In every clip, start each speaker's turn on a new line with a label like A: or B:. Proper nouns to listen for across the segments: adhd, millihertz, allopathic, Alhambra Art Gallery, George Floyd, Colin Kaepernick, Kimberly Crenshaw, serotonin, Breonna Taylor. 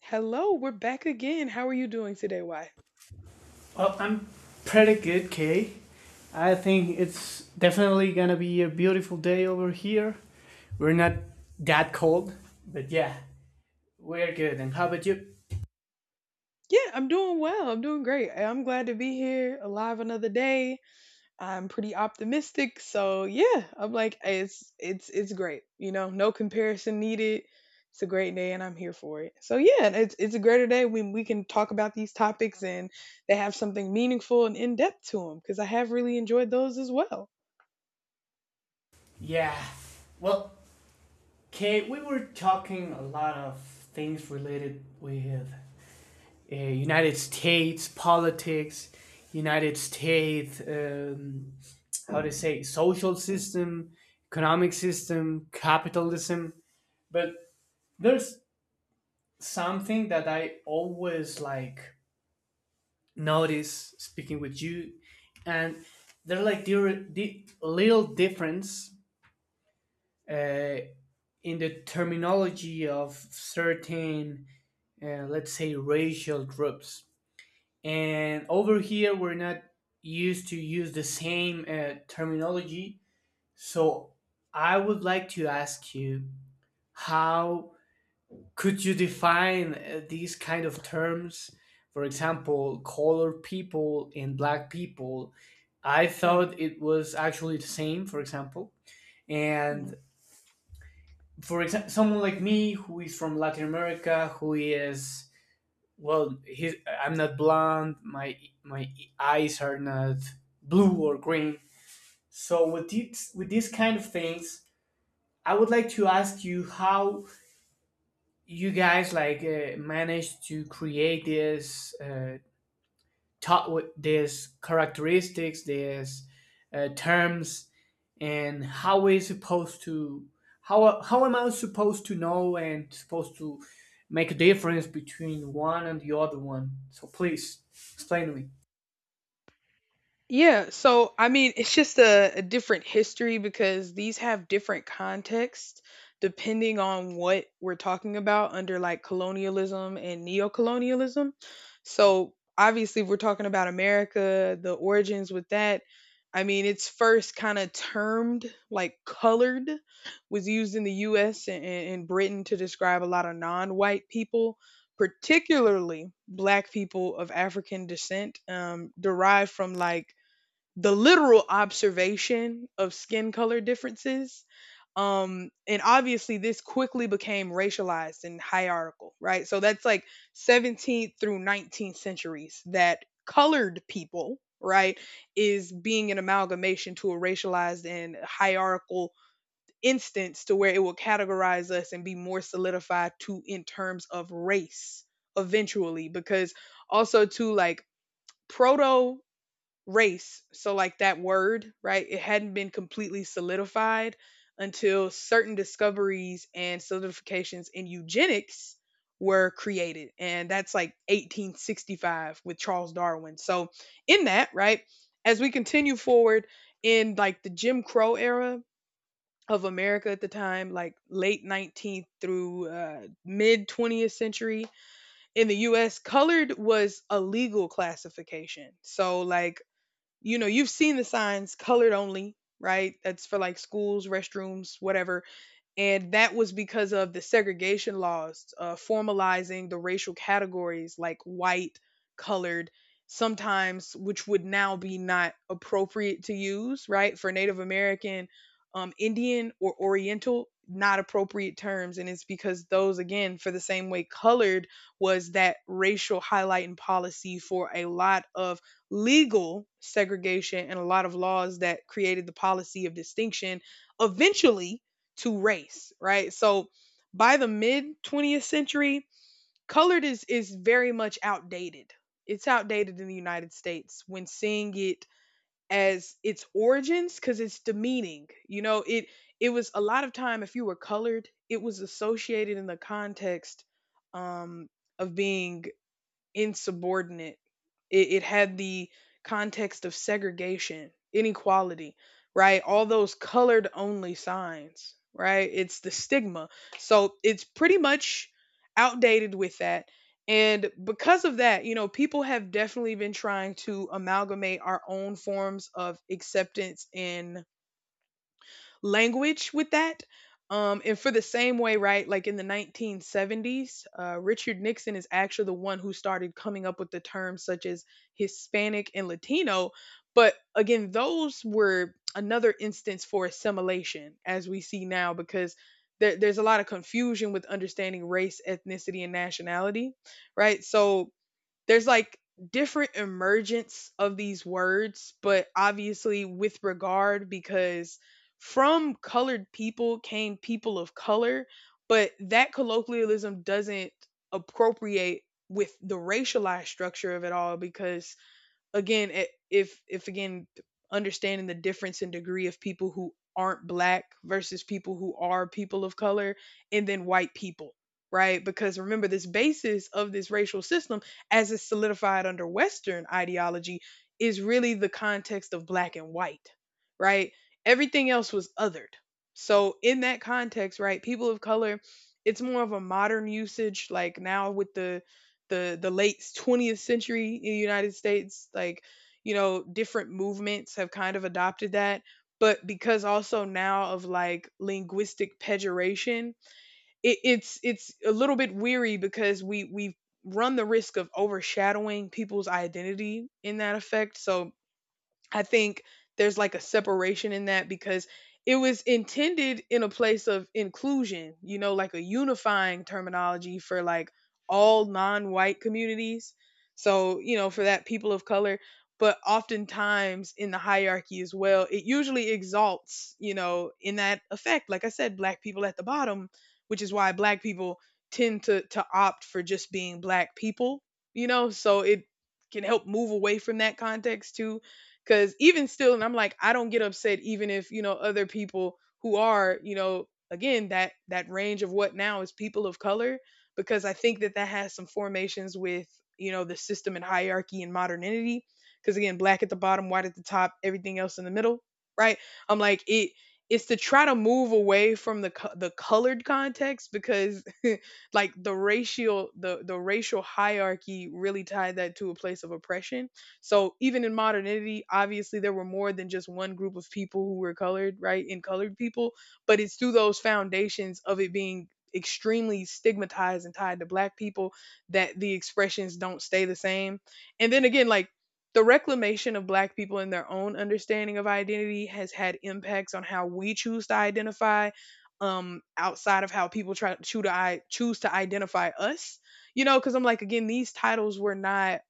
A: Hello, we're back again. How are you doing today, Why?
B: Well, I'm pretty good, Kay. I think it's definitely gonna be a beautiful day over here. We're not that cold, but yeah, we're good. And how about you?
A: Yeah, I'm doing well. I'm doing great. I'm glad to be here alive another day. I'm pretty optimistic. So yeah, I'm like it's great. You know, no comparison needed. It's a great day and I'm here for it. So yeah, and it's a greater day when we can talk about these topics and they have something meaningful and in depth to them because I have really enjoyed those as well.
B: Yeah. Well, Kay, we were talking a lot of things related with United States politics, United States, how to say, social system, economic system, capitalism. But there's something that I always like notice speaking with you, and there are like the little difference uh, in the terminology of certain, let's say, racial groups. And over here, we're not used to use the same terminology. So I would like to ask you, how could you define these kind of terms, for example, colored people and black people? I
A: Hmm.
B: thought it was actually the same, for example. And, for example, someone like me, who is from Latin America, who is, well, I'm not blonde, my eyes are not blue or green. So with these kind of things, I would like to ask you, how you guys like managed to create this, taught with these characteristics, these terms, and how am I supposed to know, and supposed to make a difference between one and the other one? So please explain to me.
A: Yeah, so I mean, it's just a different history because these have different contexts depending on what we're talking about under like colonialism and neocolonialism. So, obviously, if we're talking about America, the origins with that, I mean, it's first kind of termed like colored was used in the US and Britain to describe a lot of non white people. Particularly black people of African descent, derived from like the literal observation of skin color differences. And obviously, this quickly became racialized and hierarchical, right? So that's like 17th through 19th centuries that colored people, right, is being an amalgamation to a racialized and hierarchical instance to where it will categorize us and be more solidified to in terms of race eventually because also too like proto race. So like that word, right? It hadn't been completely solidified until certain discoveries and solidifications in eugenics were created. And that's like 1865 with Charles Darwin. So in that, right, as we continue forward in like the Jim Crow era of America at the time, like late 19th through mid 20th century in the US, colored was a legal classification. So like you know, you've seen the signs colored only, right? That's for like schools, restrooms, whatever, and that was because of the segregation laws formalizing the racial categories like white, colored, sometimes which would now be not appropriate to use, right, for Native American, Indian or Oriental, not appropriate terms, and it's because those again for the same way colored was that racial highlighting policy for a lot of legal segregation and a lot of laws that created the policy of distinction eventually to race, right? So by the mid 20th century, colored is very much outdated. It's outdated in the United States when seeing it as its origins cuz it's demeaning. You know, it was a lot of time if you were colored, it was associated in the context um of being insubordinate. It had the context of segregation, inequality, right? All those colored only signs, right? It's the stigma. So it's pretty much outdated with that. And because of that, you know, people have definitely been trying to amalgamate our own forms of acceptance and language with that. And for the same way, right, like in the 1970s, Richard Nixon is actually the one who started coming up with the terms such as Hispanic and Latino. But again, those were another instance for assimilation as we see now, because there's a lot of confusion with understanding race, ethnicity, and nationality, right? So there's like different emergence of these words, but obviously with regard, because from colored people came people of color, but that colloquialism doesn't appropriate with the racialized structure of it all because again, if again understanding the difference in degree of people who aren't black versus people who are people of color and then white people, right? Because remember, this basis of this racial system, as it's solidified under western ideology, is really the context of black and white, right? Everything else was othered. So in that context, right, people of color, it's more of a modern usage like now with the late 20th century in the United States. Like, you know, different movements have kind of adopted that, but because also now of like linguistic pejoration, it's a little bit weary because we run the risk of overshadowing people's identity in that effect. So I think there's like a separation in that because it was intended in a place of inclusion, you know, like a unifying terminology for like all non white communities. So, you know, for that, people of color. But oftentimes in the hierarchy as well, it usually exalts, you know, in that effect. Like I said, black people at the bottom, which is why black people tend to opt for just being black people, you know, so it can help move away from that context too. Cause even still, and I'm like, I don't get upset even if, you know, other people who are, you know, again, that that range of what now is people of color, because I think that that has some formations with, you know, the system and hierarchy and modernity. Cause again, black at the bottom, white at the top, everything else in the middle, right? I'm like, it's to try to move away from the the colored context because like the racial, the racial hierarchy really tied that to a place of oppression. So even in modernity, obviously there were more than just one group of people who were colored, right? In colored people, but it's through those foundations of it being extremely stigmatized and tied to black people that the expressions don't stay the same. And then again, like the reclamation of black people and their own understanding of identity has had impacts on how we choose to identify, outside of how people try to choose to, choose to identify us. You know, because I'm like, again, these titles were not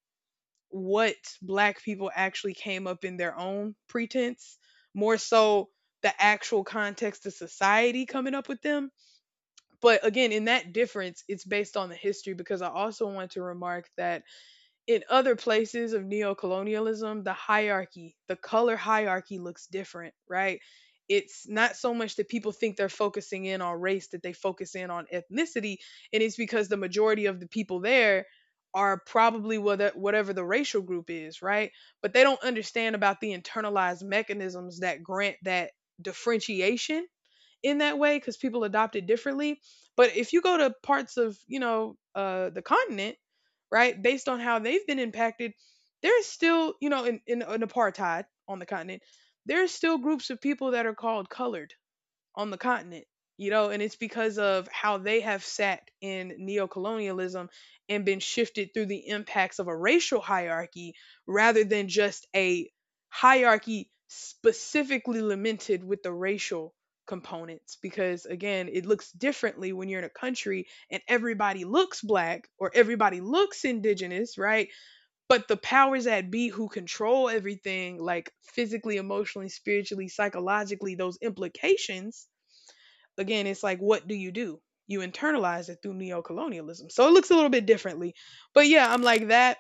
A: what black people actually came up in their own pretense, more so the actual context of society coming up with them. But again, in that difference, it's based on the history because I also want to remark that in other places of neocolonialism, the hierarchy, the color hierarchy looks different, right? It's not so much that people think they're focusing in on race, that they focus in on ethnicity, and it's because the majority of the people there are probably, whether whatever the racial group is, right? But they don't understand about the internalized mechanisms that grant that differentiation in that way because people adopt it differently. But if you go to parts of, you know, the continent, right, based on how they've been impacted, there's still, you know, in, in apartheid on the continent, there's still groups of people that are called colored on the continent, you know, and it's because of how they have sat in neocolonialism and been shifted through the impacts of a racial hierarchy rather than just a hierarchy specifically limited with the racial components, because again it looks differently when you're in a country and everybody looks black or everybody looks indigenous, right? But the powers that be who control everything like physically, emotionally, spiritually, psychologically, those implications, again, it's like, what do? You internalize it through neocolonialism. So it looks a little bit differently. But yeah, I'm like that.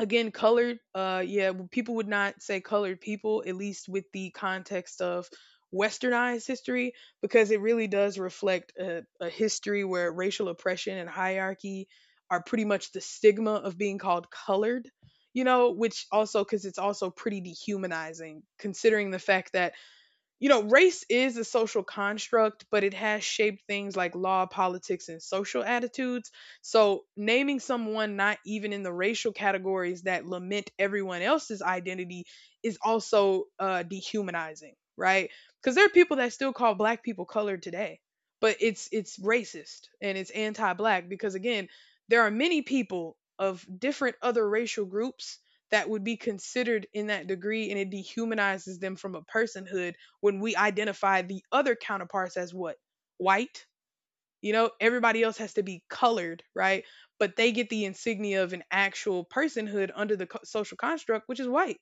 A: Again, colored, yeah, people would not say colored people, at least with the context of westernized history, because it really does reflect a history where racial oppression and hierarchy are pretty much the stigma of being called colored, you know, which also, because it's also pretty dehumanizing, considering the fact that, you know, race is a social construct, but it has shaped things like law, politics, and social attitudes. So, naming someone not even in the racial categories that lament everyone else's identity is also dehumanizing, right? Because there are people that still call black people colored today, but it's racist and it's anti-black because again, there are many people of different other racial groups that would be considered in that degree, and it dehumanizes them from a personhood when we identify the other counterparts as what? White. You know, everybody else has to be colored, right? But they get the insignia of an actual personhood under the social construct, which is white.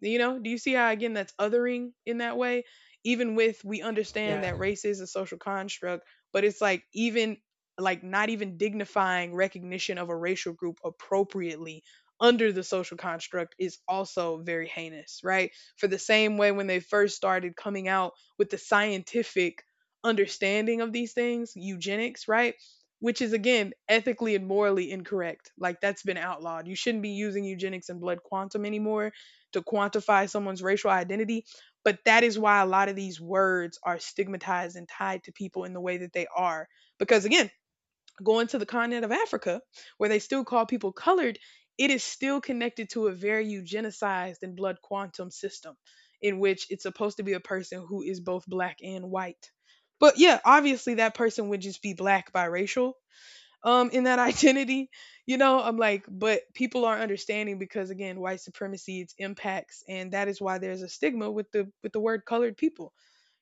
A: You know, do you see how again that's othering in that way? Even with we understand
B: Yeah,
A: that race is a social construct, but it's like even like not even dignifying recognition of a racial group appropriately under the social construct is also very heinous, right? For the same way when they first started coming out with the scientific understanding of these things, eugenics, right? Which is again ethically and morally incorrect. Like that's been outlawed. You shouldn't be using eugenics and blood quantum anymore to quantify someone's racial identity. But that is why a lot of these words are stigmatized and tied to people in the way that they are. Because again, going to the continent of Africa, where they still call people colored, it is still connected to a very eugenicized and blood quantum system in which it's supposed to be a person who is both black and white. But yeah, obviously that person would just be black biracial in that identity. I'm like, but people aren't understanding because again white supremacy, its impacts, and that is why there's a stigma with the word colored people.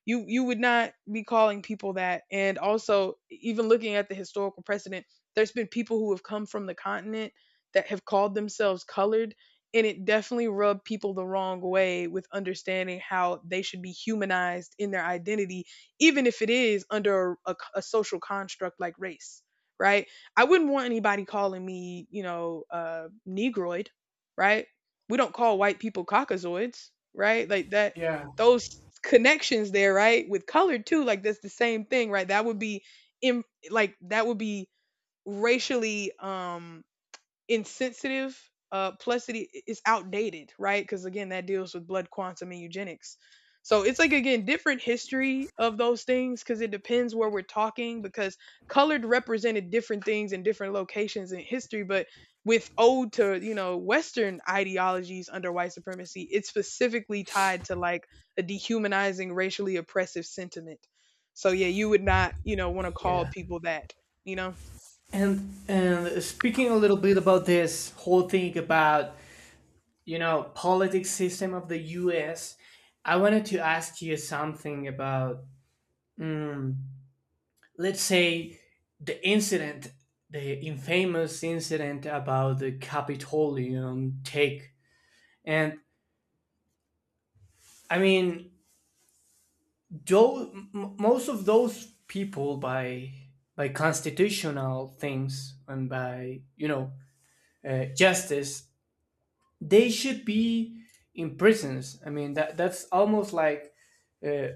A: You would not be calling people that. And also, even looking at the historical precedent, there's been people who have come from the continent that have called themselves colored, and it definitely rubbed people the wrong way with understanding how they should be humanized in their identity, even if it is under a social construct like race, right? I wouldn't want anybody calling me, you know, negroid, right? We don't call white people caucasoids, right? Like that,
B: yeah,
A: those connections there, right? With color too, like that's the same thing, right? That would be in like that would be racially insensitive. Plus, it is outdated, right? Because again, that deals with blood quantum and eugenics. So it's like, again, different history of those things, because it depends where we're talking, because colored represented different things in different locations in history. But with ode to, you know, Western ideologies under white supremacy, it's specifically tied to like a dehumanizing, racially oppressive sentiment. So yeah, you would not, want to call
B: yeah.
A: people that, you know.
B: And speaking a little bit about this whole thing about, politics system of the US, I wanted to ask you something about, mm, let's say, the incident, the infamous incident about the Capitolium take. And I mean, though most of those people, by constitutional things, and by justice, they should be in prisons. I mean, that's almost like uh,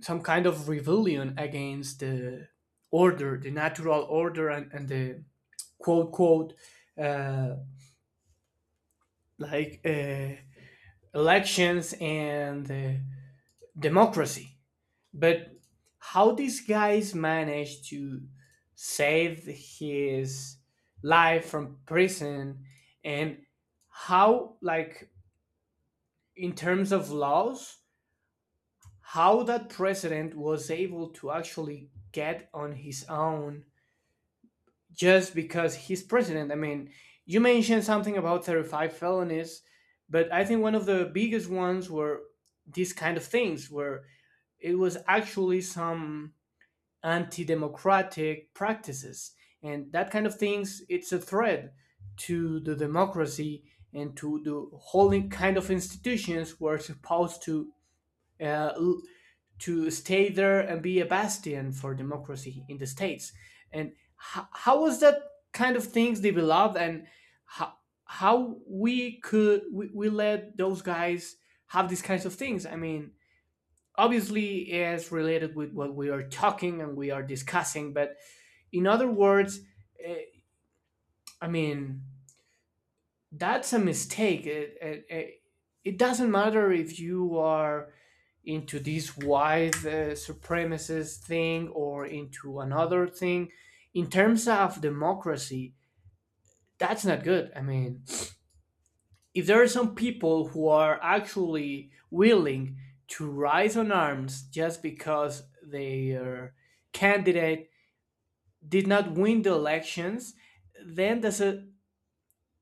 B: some kind of rebellion against the order, the natural order, and the quote quote uh, like elections and democracy. But how these guys managed to save his life from prison, and how, like, in terms of laws, how that president was able to actually get on his own, just because he's president. I mean, you mentioned something about 35 felonies, but I think one of the biggest ones were these kind of things where it was actually some anti-democratic practices, and that kind of things, it's a threat to the democracy and to the whole kind of institutions we're supposed uh, l- to stay there and be a bastion for democracy in the states. And how was that kind of things developed, and how how we could we let those guys have these kinds of things? I mean, obviously, it's related with what we are talking and we are discussing, but in other words, eh, I mean, that's a mistake. It doesn't matter if you are into this white supremacist thing or into another thing. In terms of democracy, that's not good. I mean, if there are some people who are actually willing to rise on arms just because their candidate did not win the elections, then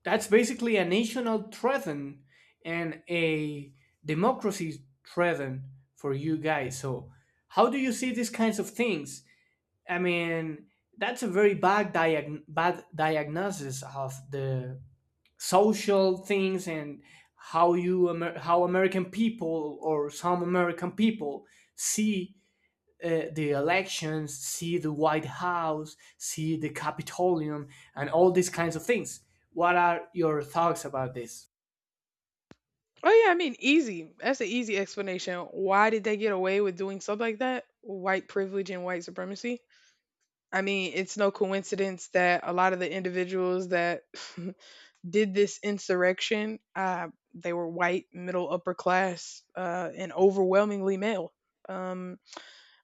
B: that's basically a national threaten and a democracy threaten for you guys. So, how do you see these kinds of things? I mean, that's a very bad diagnosis of the social things, and how American people, or some American people, see the elections, see the White House, see the Capitolium, and all these kinds of things. What are your thoughts about this?
A: Oh yeah, I mean, easy. That's an easy explanation. Why did they get away with doing stuff like that? White privilege and white supremacy. I mean, it's no coincidence that a lot of the individuals that did this insurrection, they were white, middle upper class, and overwhelmingly male. Um,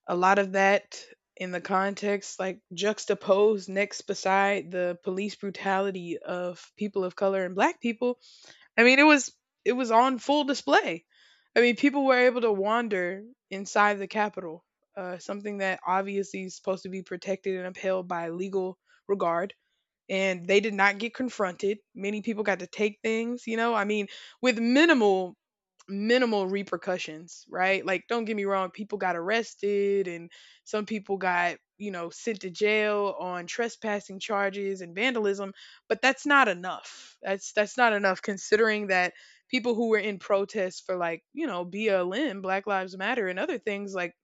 A: a lot of that in the context, like juxtaposed next beside the police brutality of people of color and black people, I mean, it was on full display. I mean, people were able to wander inside the Capitol, something that obviously is supposed to be protected and upheld by legal regard, and they did not get confronted. Many people got to take things, you know? I mean, with minimal repercussions, right? Like, don't get me wrong, people got arrested and some people got, you know, sent to jail on trespassing charges and vandalism, but that's not enough. That's not enough, considering that people who were in protest for, like, you know, BLM, Black Lives Matter, and other things, like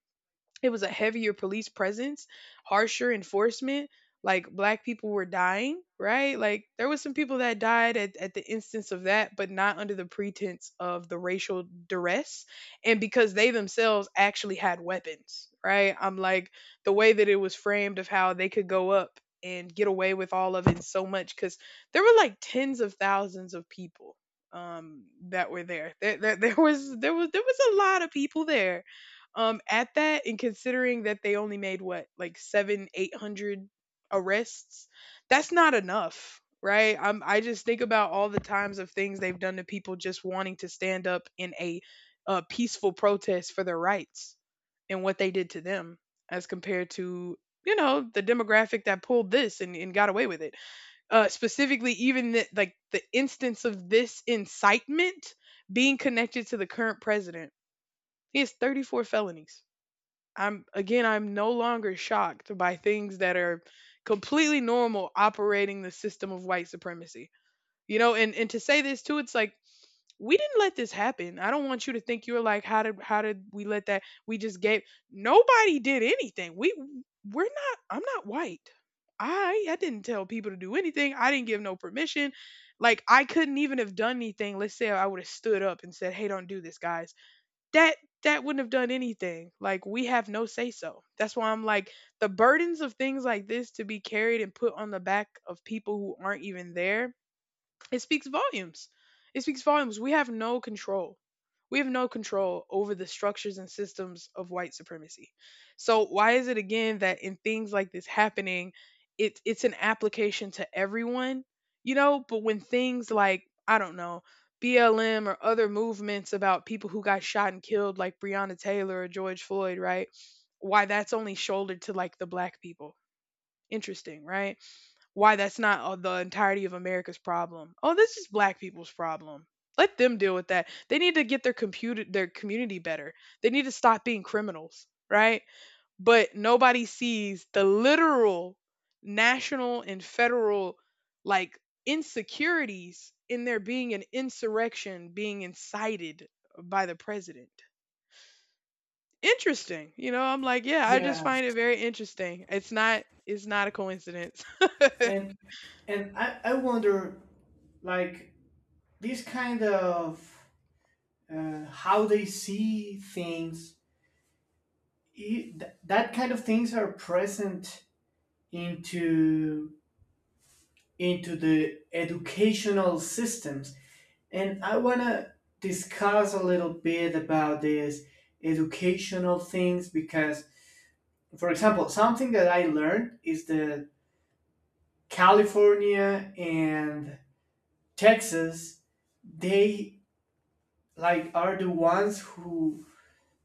A: it was a heavier police presence, harsher enforcement. Like, black people were dying, right? Like there was some people that died at the instance of that, but not under the pretense of the racial duress. And because they themselves actually had weapons, right? I'm like, the way that it was framed of how they could go up and get away with all of it so much, because there were like tens of thousands of people that were there. There, there was a lot of people there at that. And considering that they only made what like seven or eight hundred arrests, that's not enough, right? I just think about all the times of things they've done to people just wanting to stand up in a, peaceful protest for their rights, and what they did to them as compared to, you know, the demographic that pulled this and got away with it. Specifically even like the instance of this incitement being connected to the current president, he has 34 felonies. I'm again, I'm no longer shocked by things that are completely normal operating the system of white supremacy. You know, and to say this too, it's like we didn't let this happen. I don't want you to think, you're like, how did we let that? We just gave, nobody did anything. We're not. I'm not white. I didn't tell people to do anything. I didn't give no permission. Like I couldn't even have done anything. Let's say I would have stood up and said, "Hey, don't do this, guys." that that wouldn't have done anything. Like, we have no say so. That's why I'm like, the burdens of things like this to be carried and put on the back of people who aren't even there, it speaks volumes. It speaks volumes. We have no control. We have no control over the structures and systems of white supremacy. So why is it, again, that in things like this happening, it's an application to everyone, you know? But when things like, I don't know, BLM or other movements about people who got shot and killed, like Breonna Taylor or George Floyd, right? Why that's only shouldered to like the black people. Interesting, right? Why that's not, the entirety of America's problem. Oh, this is black people's problem. Let them deal with that. They need to get their computer their community better. They need to stop being criminals, right? But nobody sees the literal national and federal, like, insecurities in there being an insurrection being incited by the president. Interesting. You know, I'm like, yeah, I just
B: Yes.
A: find it very interesting. It's not a coincidence.
B: And and I wonder, like, this kind of how they see things. That kind of things are present into into the educational systems. And I want to discuss a little bit about these educational things because, for example, something that I learned is that California and Texas, they like are the ones who,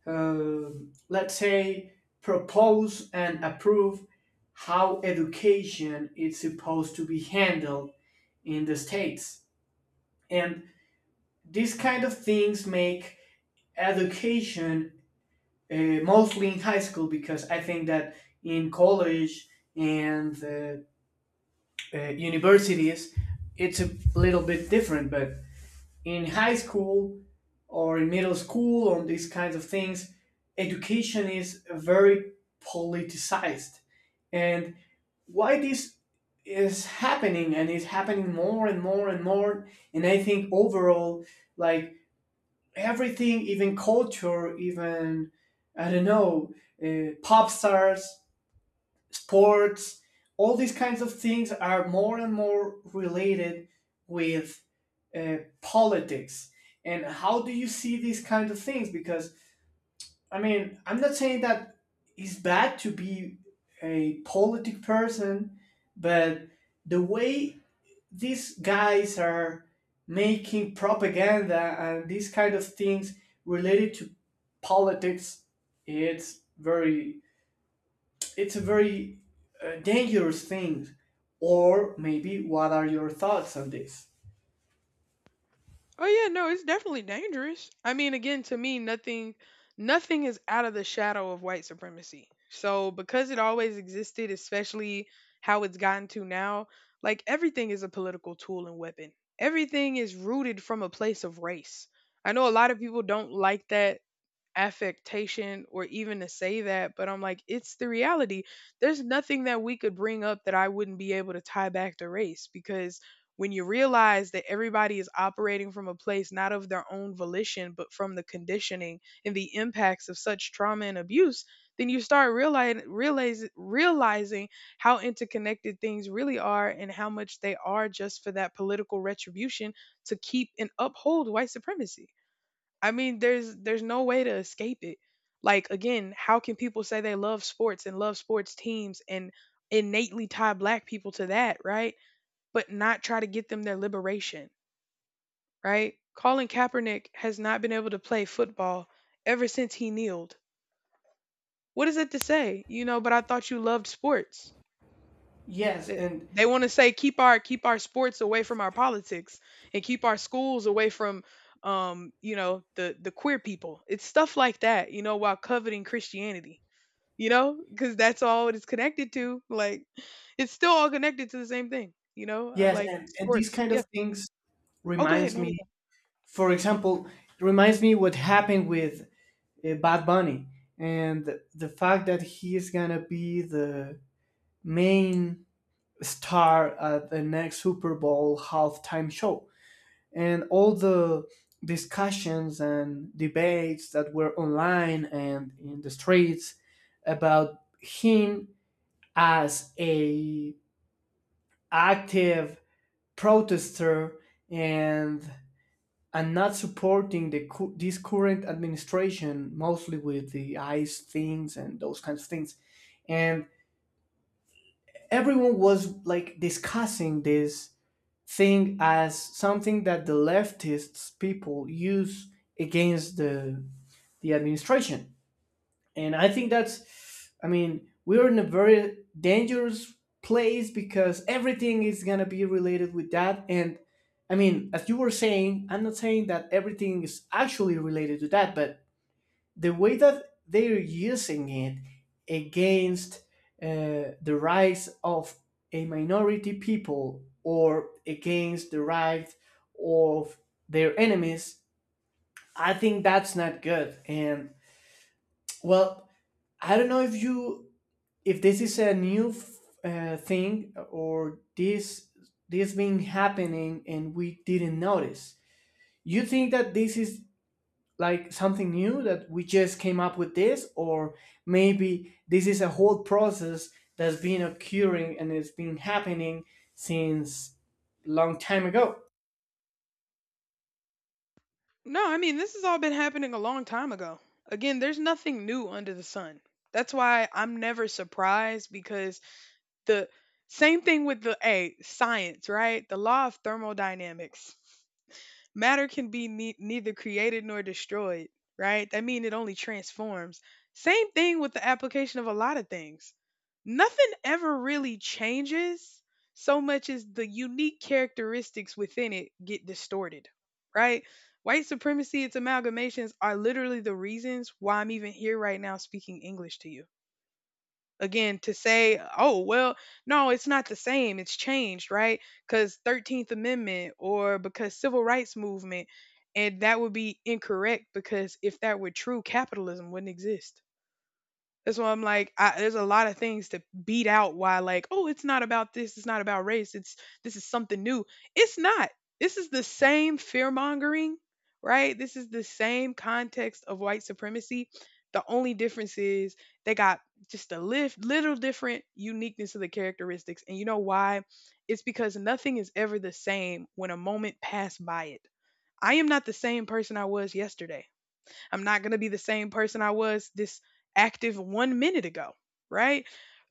B: let's say, propose and approve how education is supposed to be handled in the states. And these kind of things make education uh, mostly in high school, because I think that in college and universities, it's a little bit different, but in high school or in middle school on these kinds of things, education is very politicized. And why this is happening, and is happening more and more and more, and I think overall, like everything, even culture, even, I don't know, pop stars, sports, all these kinds of things are more and more related with politics. And how do you see these kind of things? Because, I mean, I'm not saying that it's bad to be a politic person, but the way these guys are making propaganda and these kind of things related to politics, it's very it's a very dangerous thing. Or maybe, what are your thoughts on this?
A: Oh yeah, no, it's definitely dangerous. I mean, again, to me, nothing is out of the shadow of white supremacy. So because it always existed, especially how it's gotten to now, like everything is a political tool and weapon. Everything is rooted from a place of race. I know a lot of people don't like that affectation or even to say that, but I'm like, it's the reality. There's nothing that we could bring up that I wouldn't be able to tie back to race, because when you realize that everybody is operating from a place not of their own volition, but from the conditioning and the impacts of such trauma and abuse, then you start realizing how interconnected things really are and how much they are just for that political retribution to keep and uphold white supremacy. I mean, there's no way to escape it. Like, again, how can people say they love sports and love sports teams and innately tie black people to that, right? But not try to get them their liberation, right? Colin Kaepernick has not been able to play football ever since he kneeled. What is it to say? You know, but I thought you loved sports.
B: yes
A: Eh,
B: and
A: They want to say, keep our sports away from our politics and keep our schools away from, you know, the queer people. It's stuff like that, you know, while coveting Christianity. You know, because that's all it's connected to. Like, it's still all connected to the same thing. You know, I'm
B: yes
A: like,
B: and these
A: sports.
B: kind of
A: Yeah.
B: things
A: Oh, go ahead.
B: reminds
A: No, no,
B: me.
A: no.
B: For example, it reminds me what happened with Bad Bunny, and the fact that he is gonna be the main star at the next Super Bowl halftime show. And all the discussions and debates that were online and in the streets about him as a active protester, and and not supporting the this current administration, mostly with the ICE things and those kinds of things. And everyone was like discussing this thing as something that the leftists people use against the administration. And I think, that's I mean, we're in a very dangerous place, because everything is going to be related with that. And I mean, as you were saying, I'm not saying that everything is actually related to that, but the way that they're using it against the rights of a minority people, or against the rights of their enemies, I think that's not good. And, well, I don't know if you if this is a new thing, or this been happening and we didn't notice. You think that this is like something new that we just came up with this, or maybe this is a whole process that's been occurring and it's been happening since long time ago?
A: No, I mean, this has all been happening a long time ago. Again, there's nothing new under the sun. That's why I'm never surprised, because the same thing with the A, science, right? The law of thermodynamics. Matter can be neither created nor destroyed, right? That means it only transforms. Same thing with the application of a lot of things. Nothing ever really changes so much as the unique characteristics within it get distorted, right? White supremacy, its amalgamations are literally the reasons why I'm even here right now speaking English to you. Again, to say, oh well, no, it's not the same, it's changed, right? Because 13th amendment or because civil rights movement. And that would be incorrect, because if that were true, capitalism wouldn't exist. That's why I'm like, there's a lot of things to beat out. Why, like, oh, it's not about this. It's not about race. It's, this is something new. It's not. This is the same fear mongering, right? This is the same context of white supremacy. The only difference is they got just a lift, little different uniqueness of the characteristics. And you know why? It's because nothing is ever the same when a moment passed by it. I am not the same person I was yesterday. I'm not going to be the same person I was this active 1 minute ago, right?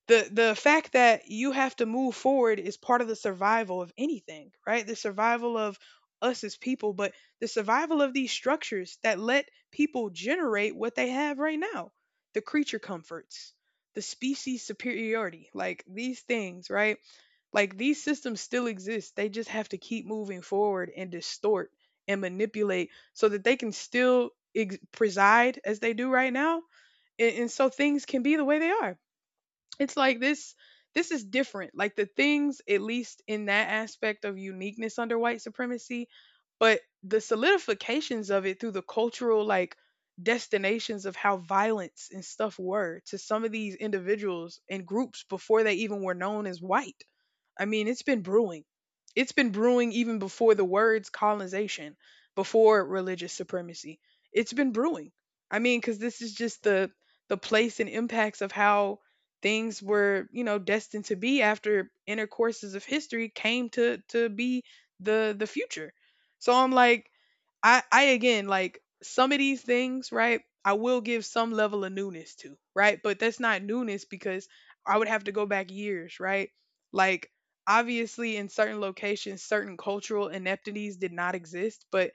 A: The fact that you have to move forward is part of the survival of anything, right? The survival of us as people, but the survival of these structures that let people generate what they have right now. The creature comforts, the species superiority, like these things, right? Like these systems still exist. They just have to keep moving forward and distort and manipulate so that they can still preside as they do right now, and so things can be the way they are. It's like this. This is different, like the things at least in that aspect of uniqueness under white supremacy, but the solidifications of it through the cultural like destinations of how violence and stuff were to some of these individuals and groups before they even were known as white. I mean, it's been brewing. It's been brewing even before the words colonization, before religious supremacy. It's been brewing. I mean, because this is just the place and impacts of how things were, you know, destined to be after intercourses of history came to be the future. So I'm like, I again like some of these things, right? I will give some level of newness to, right? But that's not newness because I would have to go back years, right? Like obviously in certain locations certain cultural ineptities did not exist, but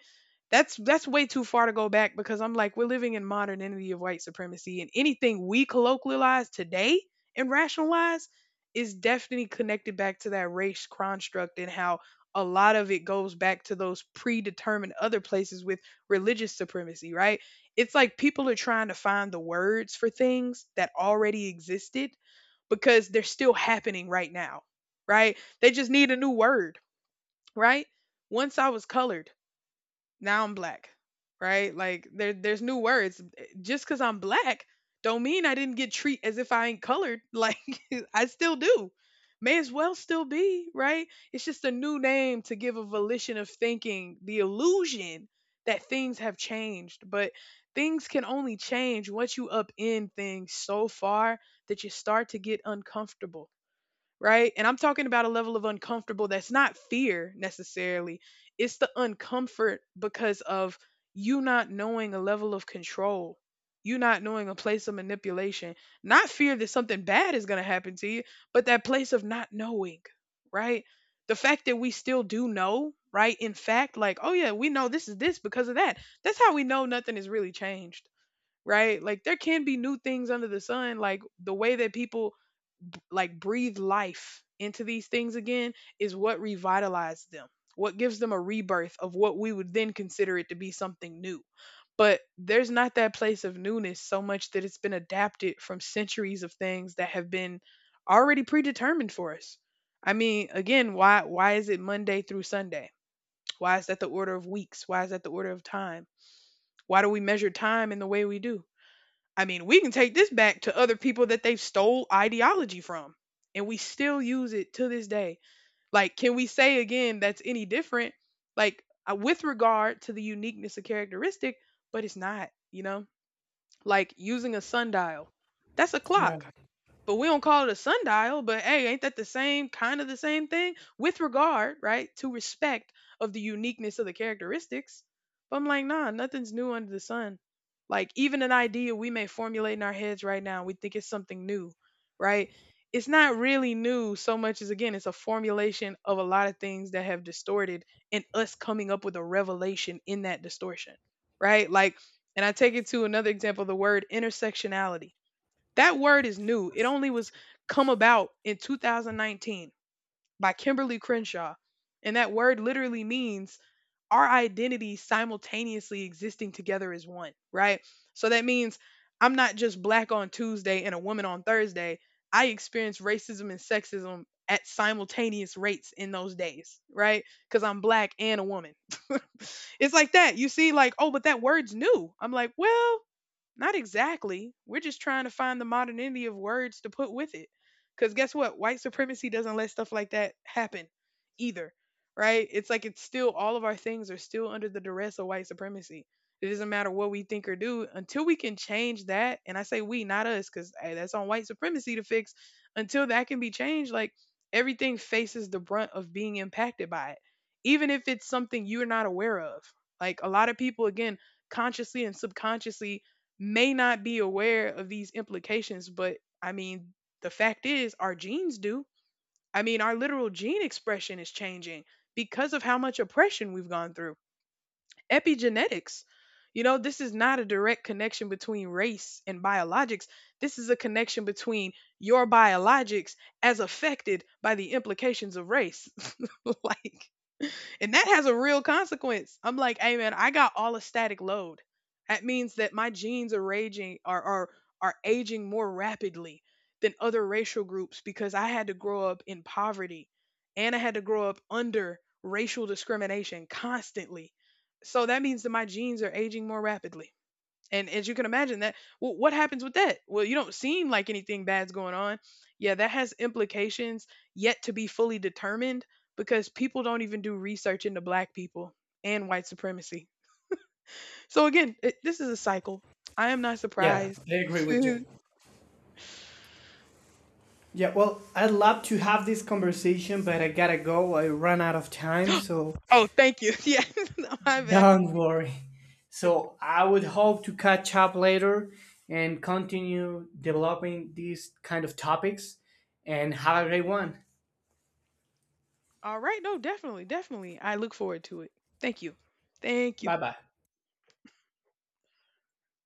A: that's way too far to go back because I'm like we're living in modernity of white supremacy, and anything we colloquialize today and rationalize is definitely connected back to that race construct, and how a lot of it goes back to those predetermined other places with religious supremacy, right? It's like people are trying to find the words for things that already existed because they're still happening right now, right? They just need a new word, right? Once I was colored, now I'm black, right? Like there's new words. Just because I'm black don't mean I didn't get treat as if I ain't colored. Like I still do. May as well still be, right? It's just a new name to give a volition of thinking, the illusion that things have changed. But things can only change once you upend things so far that you start to get uncomfortable, right? And I'm talking about a level of uncomfortable that's not fear necessarily. It's the uncomfort because of you not knowing a level of control, you not knowing a place of manipulation, not fear that something bad is going to happen to you, but that place of not knowing, right? The fact that we still do know, right? In fact, like, oh yeah, we know this is this because of that. That's how we know nothing has really changed. Right? Like there can be new things under the sun, like the way that people like breathe life into these things again is what revitalized them, what gives them a rebirth of what we would then consider it to be something new. But there's not that place of newness so much that it's been adapted from centuries of things that have been already predetermined for us. I mean, again, why is it Monday through Sunday? Why is that the order of weeks? Why is that the order of time? Why do we measure time in the way we do? I mean, we can take this back to other people that they've stole ideology from, and we still use it to this day. Like, can we say again that's any different? Like, with regard to the uniqueness of characteristic, but it's not, you know? Like, using a sundial, that's a
B: Yeah.
A: clock, but we don't call it a sundial. But hey, ain't that the same kind of the same thing? With regard, right, to respect of the uniqueness of the characteristics. But I'm like, nah, nothing's new under the sun. Like even an idea we may formulate in our heads right now, we think it's something new, right? It's not really new so much as, again, it's a formulation of a lot of things that have distorted, and us coming up with a revelation in that distortion, right? Like, and I take it to another example, the word intersectionality. That word is new. It only was come about in 2019 by Kimberly Crenshaw. And that word literally means our identity simultaneously existing together as one, right? So that means I'm not just black on Tuesday and a woman on Thursday. I experience racism and sexism at simultaneous rates in those days, right? Because I'm black and a woman. It's like that. You see, like, oh, but that word's new. I'm like, well, not exactly. We're just trying to find the modernity of words to put with it. Because guess what? White supremacy doesn't let stuff like that happen either, right? It's like it's still all of our things are still under the duress of white supremacy. It doesn't matter what we think or do until we can change that. And I say we, not us, because that's on white supremacy to fix. Until that can be changed, like everything faces the brunt of being impacted by it, even if it's something you're not aware of. Like a lot of people, again, consciously and subconsciously may not be aware of these implications, but I mean, the fact is, our genes do. I mean, our literal gene expression is changing because of how much oppression we've gone through. Epigenetics. You know, this is not a direct connection between race and biologics. This is a connection between your biologics as affected by the implications of race. Like, and that has a real consequence. I'm like, hey man, I got all a static load. That means that my genes are raging, are are aging more rapidly than other racial groups because I had to grow up in poverty and I had to grow up under racial discrimination constantly. So that means that my genes are aging more rapidly. And as you can imagine, that, well, what happens with that? Well, you don't seem like anything bad's going on. Yeah, that has implications yet to be fully determined because people don't even do research into black people and white supremacy. So again, this is a cycle. I am not
B: Yeah,
A: surprised.
B: I agree with you.
A: Oh,
B: Yeah, well, I'd love to have this conversation, but I gotta go. I run out of time. So
A: thank you. Yeah, my bad.
B: don't worry. So I would hope to catch up later and continue developing these kind of topics, and have a great one.
A: All right. No, definitely, definitely. I look forward to it. Thank you. Thank you.
B: Bye bye.